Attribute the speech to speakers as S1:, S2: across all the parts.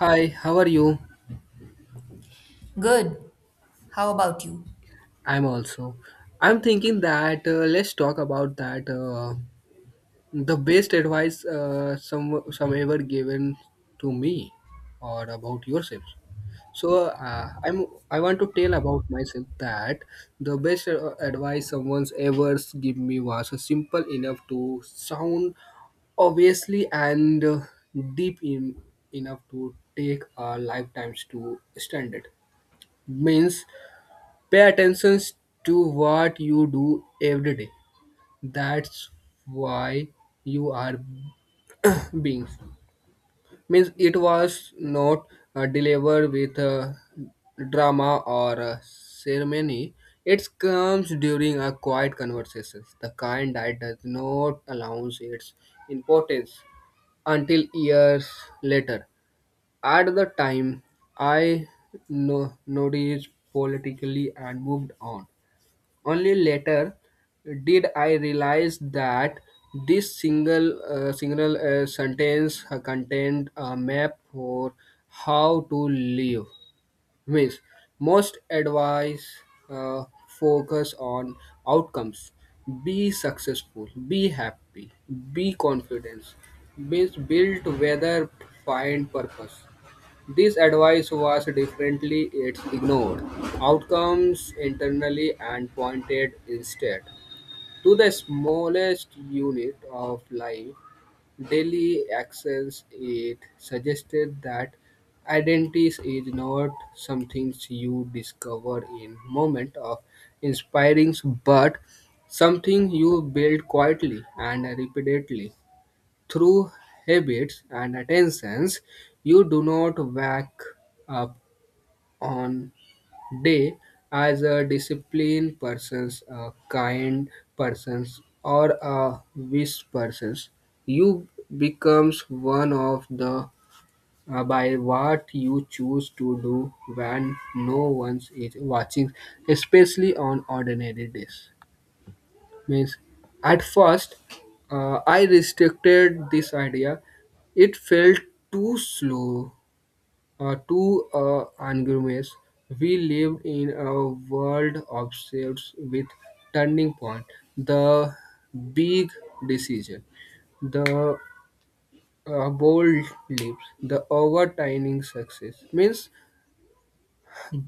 S1: Hi, how are you?
S2: Good. How about you?
S1: I'm also. I'm thinking that let's talk about that the best advice some ever given to me or about yourself. So I want to tell about myself that the best advice someone's ever give me was simple enough to sound obviously and deep in enough to take our lifetimes to stand it means Pay attention to what you do every day. That's why you are being. Means it was not delivered with a drama or a ceremony. It comes during a quiet conversation, the kind that does not announce its importance until years later. At the time, I noticed politically and moved on. Only later did I realize that this single sentence contained a map for how to live. Means most advice uh, focus on outcomes. Be successful. Be happy. Be confident. Means build whether find purpose. This advice was differently it's ignored outcomes internally and pointed instead to the smallest unit of life daily actions it suggested that identity is not something you discover in moment of inspirings but something you build quietly and repeatedly through habits and attentions, you do not wake up on day as a disciplined persons, a kind persons, or a wise persons. You becomes one of the by what you choose to do when no one is watching, especially on ordinary days. Means at first, I restricted this idea. It felt too slow, too anonymous. We lived in a world obsessed with turning point, the big decision, the bold leaps, the overturning success. Means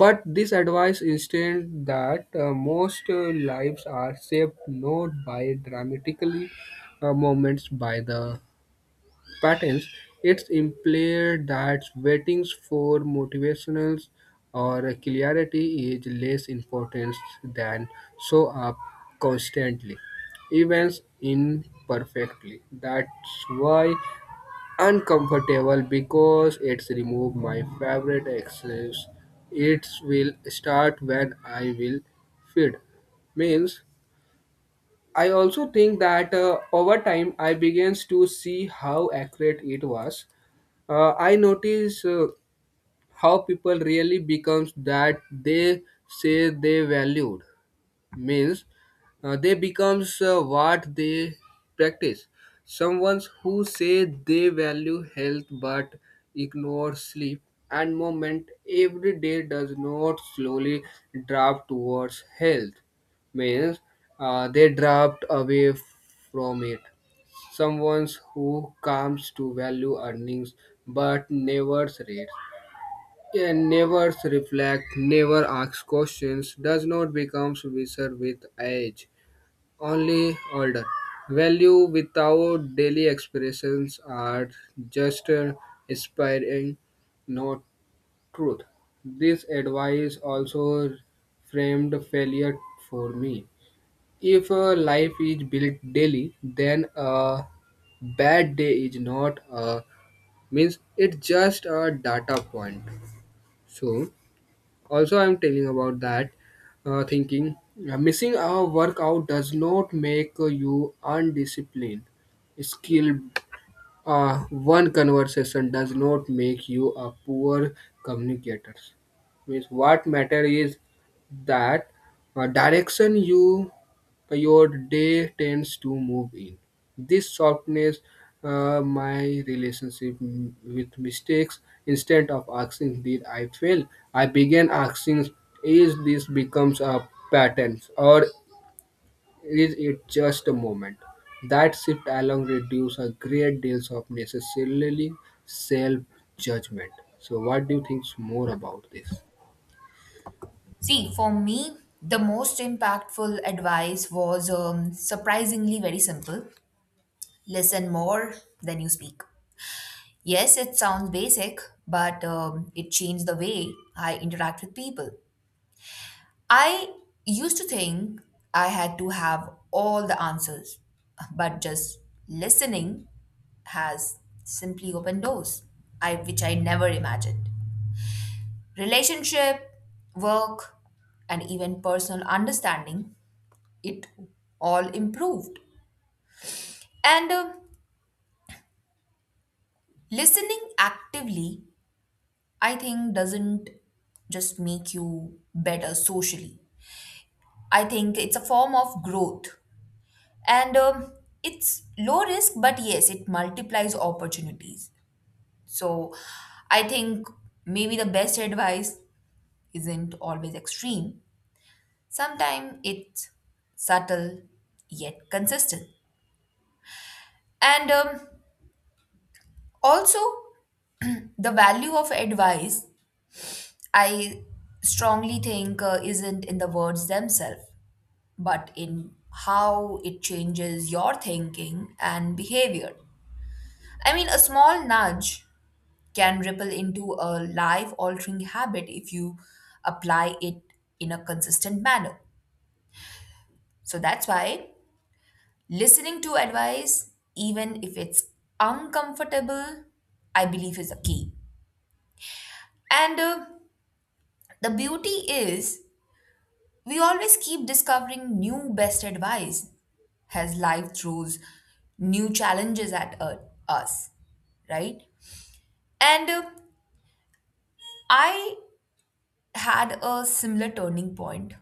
S1: but this advice instead that most lives are shaped not by dramatically moments by the patterns. It's implied that waitings for motivationals or clarity is less important than show up constantly. Events imperfectly. That's why uncomfortable because it's removed my favorite excuse. It will start when I will feed. Means I also think that over time I begins to see how accurate it was. I notice how people really becomes that they say they valued means they becomes what they practice someone who say they value health but ignore sleep and movement every day does not slowly drop towards health means they dropped away from it someone who comes to value earnings but never reads, yeah, never reflect, never asks questions, does not becomes wiser with age, only older. Value without daily expressions are just inspiring, not truth. This advice also framed failure for me. If a life is built daily, then a bad day is not a means it's just a data point. So also I'm telling about that thinking missing a workout does not make you undisciplined Skill. One conversation does not make you a poor communicator. Means what matter is that direction you your day tends to move in. This softness my relationship with mistakes. Instead of asking did I fail, I began asking is this becomes a pattern or is it just a moment? That shift alone reduces a great deal of necessarily self judgment. So, what do you think more about this?
S2: See, for me, the most impactful advice was surprisingly very simple: listen more than you speak. Yes, it sounds basic, but it changed the way I interact with people. I used to think I had to have all the answers, but just listening has simply opened doors, which I never imagined. Relationship, work, and even personal understanding, it all improved. And listening actively, I think, doesn't just make you better socially. I think it's a form of growth. And it's low risk, but yes, it multiplies opportunities. So I think maybe the best advice isn't always extreme. Sometimes it's subtle yet consistent. And also, the value of advice, I strongly think, isn't in the words themselves, but in how it changes your thinking and behavior. I mean, a small nudge can ripple into a life altering habit if you apply it in a consistent manner. So that's why listening to advice, even if it's uncomfortable, I believe is the key. And the beauty is, we always keep discovering new best advice as life throws new challenges at us, right? And I had a similar turning point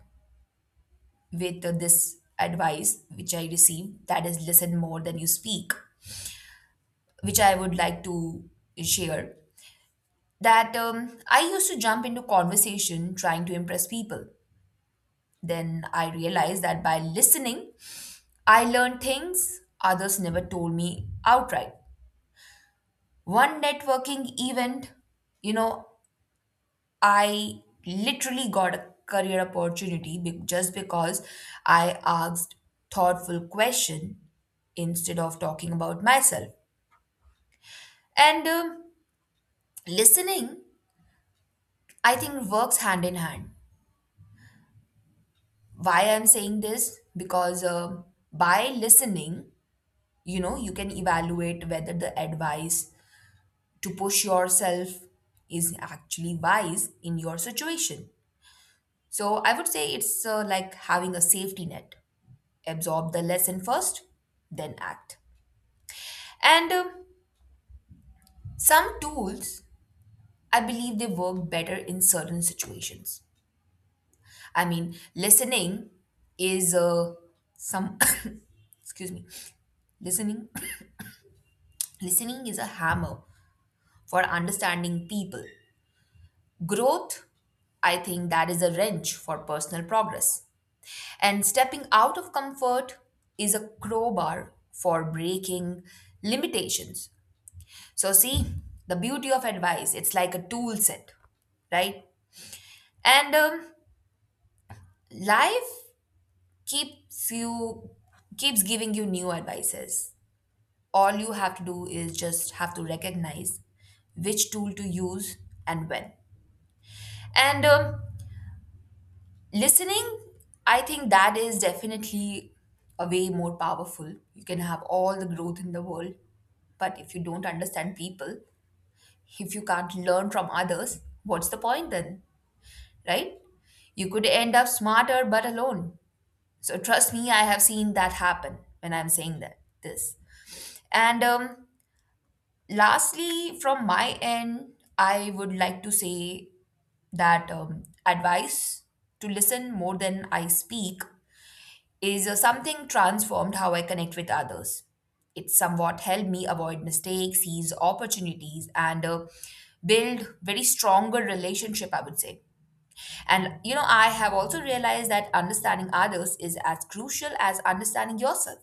S2: with this advice which I received, that is, listen more than you speak, which I would like to share. That I used to jump into conversation trying to impress people. Then I realized that by listening, I learned things others never told me outright. One networking event, you know, I literally got a career opportunity just because I asked thoughtful question instead of talking about myself. And listening, I think, works hand in hand. Why I'm saying this, because by listening, you know, you can evaluate whether the advice to push yourself is actually wise in your situation. So I would say it's like having a safety net. Absorb the lesson first, then act. And some tools, I believe they work better in certain situations. I mean, listening is some excuse me, listening. Listening is a hammer for understanding people. Growth, I think, that is a wrench for personal progress. And stepping out of comfort is a crowbar for breaking limitations. So, see, the beauty of advice, it's like a tool set, right? And life keeps you keeps giving you new advices. All you have to do is just have to recognize which tool to use and when. And listening, I think, that is definitely a way more powerful. You can have all the growth in the world, but if you don't understand people, if you can't learn from others, what's the point then, right? You could end up smarter but alone. So trust me, I have seen that happen when I'm saying that this. And lastly, from my end, I would like to say that advice to listen more than I speak is something transformed how I connect with others. It somewhat helped me avoid mistakes, seize opportunities, and build very stronger relationship, I would say. And you know, I have also realized that understanding others is as crucial as understanding yourself.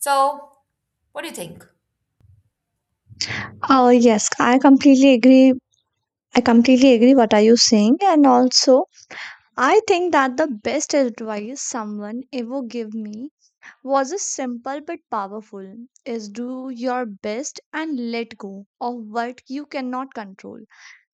S2: So, what do you think?
S3: Oh, yes, I completely agree. I completely agree what are you saying. And also, I think that the best advice someone ever gave me was a simple but powerful is do your best and let go of what you cannot control.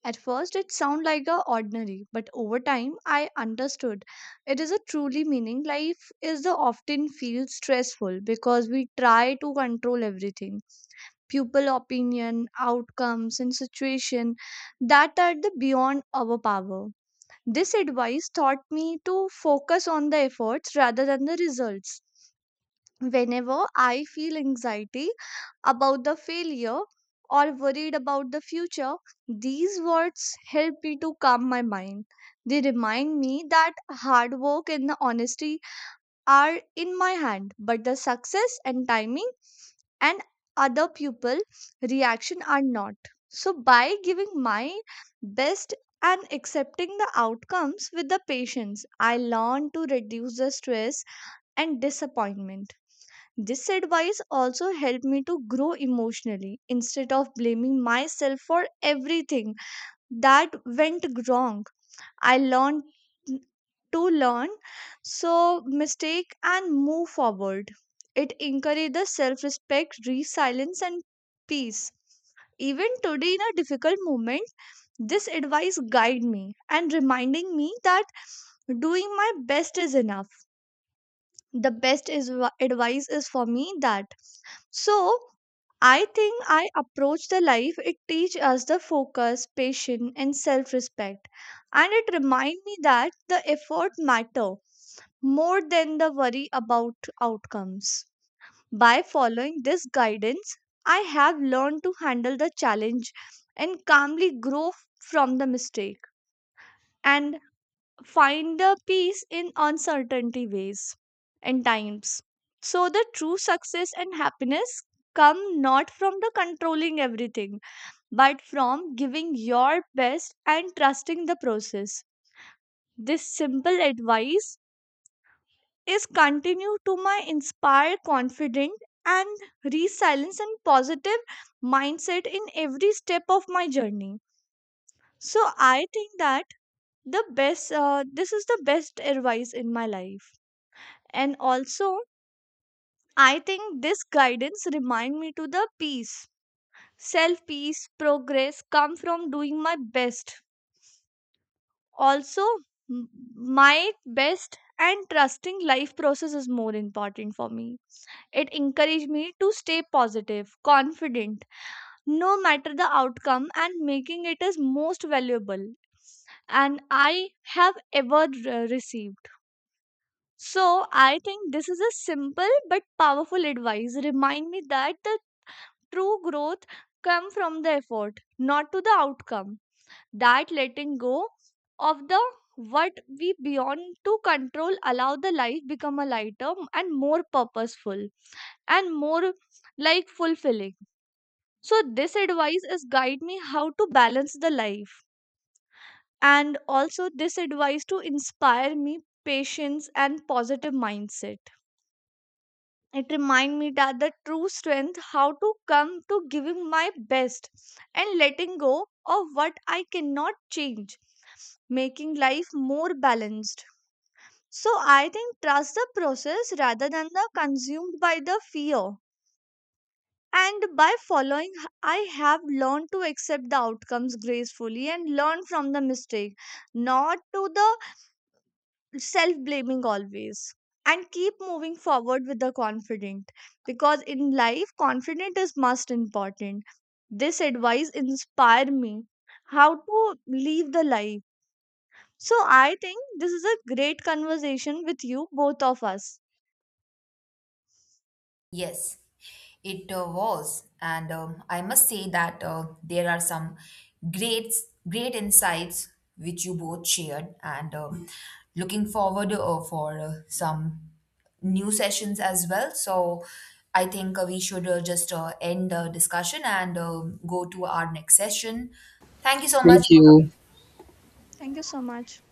S3: At first it sounded like a ordinary, but over time I understood it is a truly meaning life is the often feels stressful because we try to control everything pupil opinion, outcomes, and situation that are the beyond our power. This advice taught me to focus on the efforts rather than the results. Whenever I feel anxiety about the failure or worried about the future, these words help me to calm my mind. They remind me that hard work and the honesty are in my hand, but the success and timing and other pupil reaction are not. So by giving my best and accepting the outcomes with the patience, I learn to reduce the stress and disappointment. This advice also helped me to grow emotionally instead of blaming myself for everything that went wrong. I learned to learn so mistake and move forward. It encourages self-respect, resilience and peace. Even today in a difficult moment, this advice guide me and reminding me that doing my best is enough. The best is advice is for me that, so I think I approach the life it teach us the focus, patience and self-respect, and it remind me that the effort matter more than the worry about outcomes. By following this guidance, I have learned to handle the challenge and calmly grow from the mistake and find the peace in uncertainty ways and times. So, the true success and happiness come not from the controlling everything but from giving your best and trusting the process. This simple advice is continue to my inspire confident and resilience and positive mindset in every step of my journey. So I think that the best this is the best advice in my life. And also, I think this guidance remind me to the peace, self peace, progress come from doing my best. Also, m- my best and trusting life process is more important for me. It encouraged me to stay positive, confident, no matter the outcome, and making it is most valuable and I have ever received. So I think this is a simple but powerful advice. Remind me that the true growth come from the effort, not to the outcome. That letting go of the what we beyond to control allow the life become a lighter and more purposeful and more like fulfilling. So this advice is guide me how to balance the life, and also this advice to inspire me patience and positive mindset. It remind me that the true strength how to come to giving my best and letting go of what I cannot change, making life more balanced. So I think trust the process rather than the consumed by the fear. And by following, I have learned to accept the outcomes gracefully and learn from the mistake, not to the self blaming always. And keep moving forward with the confident because in life, confident is most important. This advice inspired me how to live the life. So I think this is a great conversation with you, both of us.
S2: Yes, it was, and I must say that there are some great great insights which you both shared, and looking forward for some new sessions as well. So I think we should just end the discussion and go to our next session. Thank you so much.
S1: Thank
S2: Both
S1: you.
S2: of
S3: Thank you so much.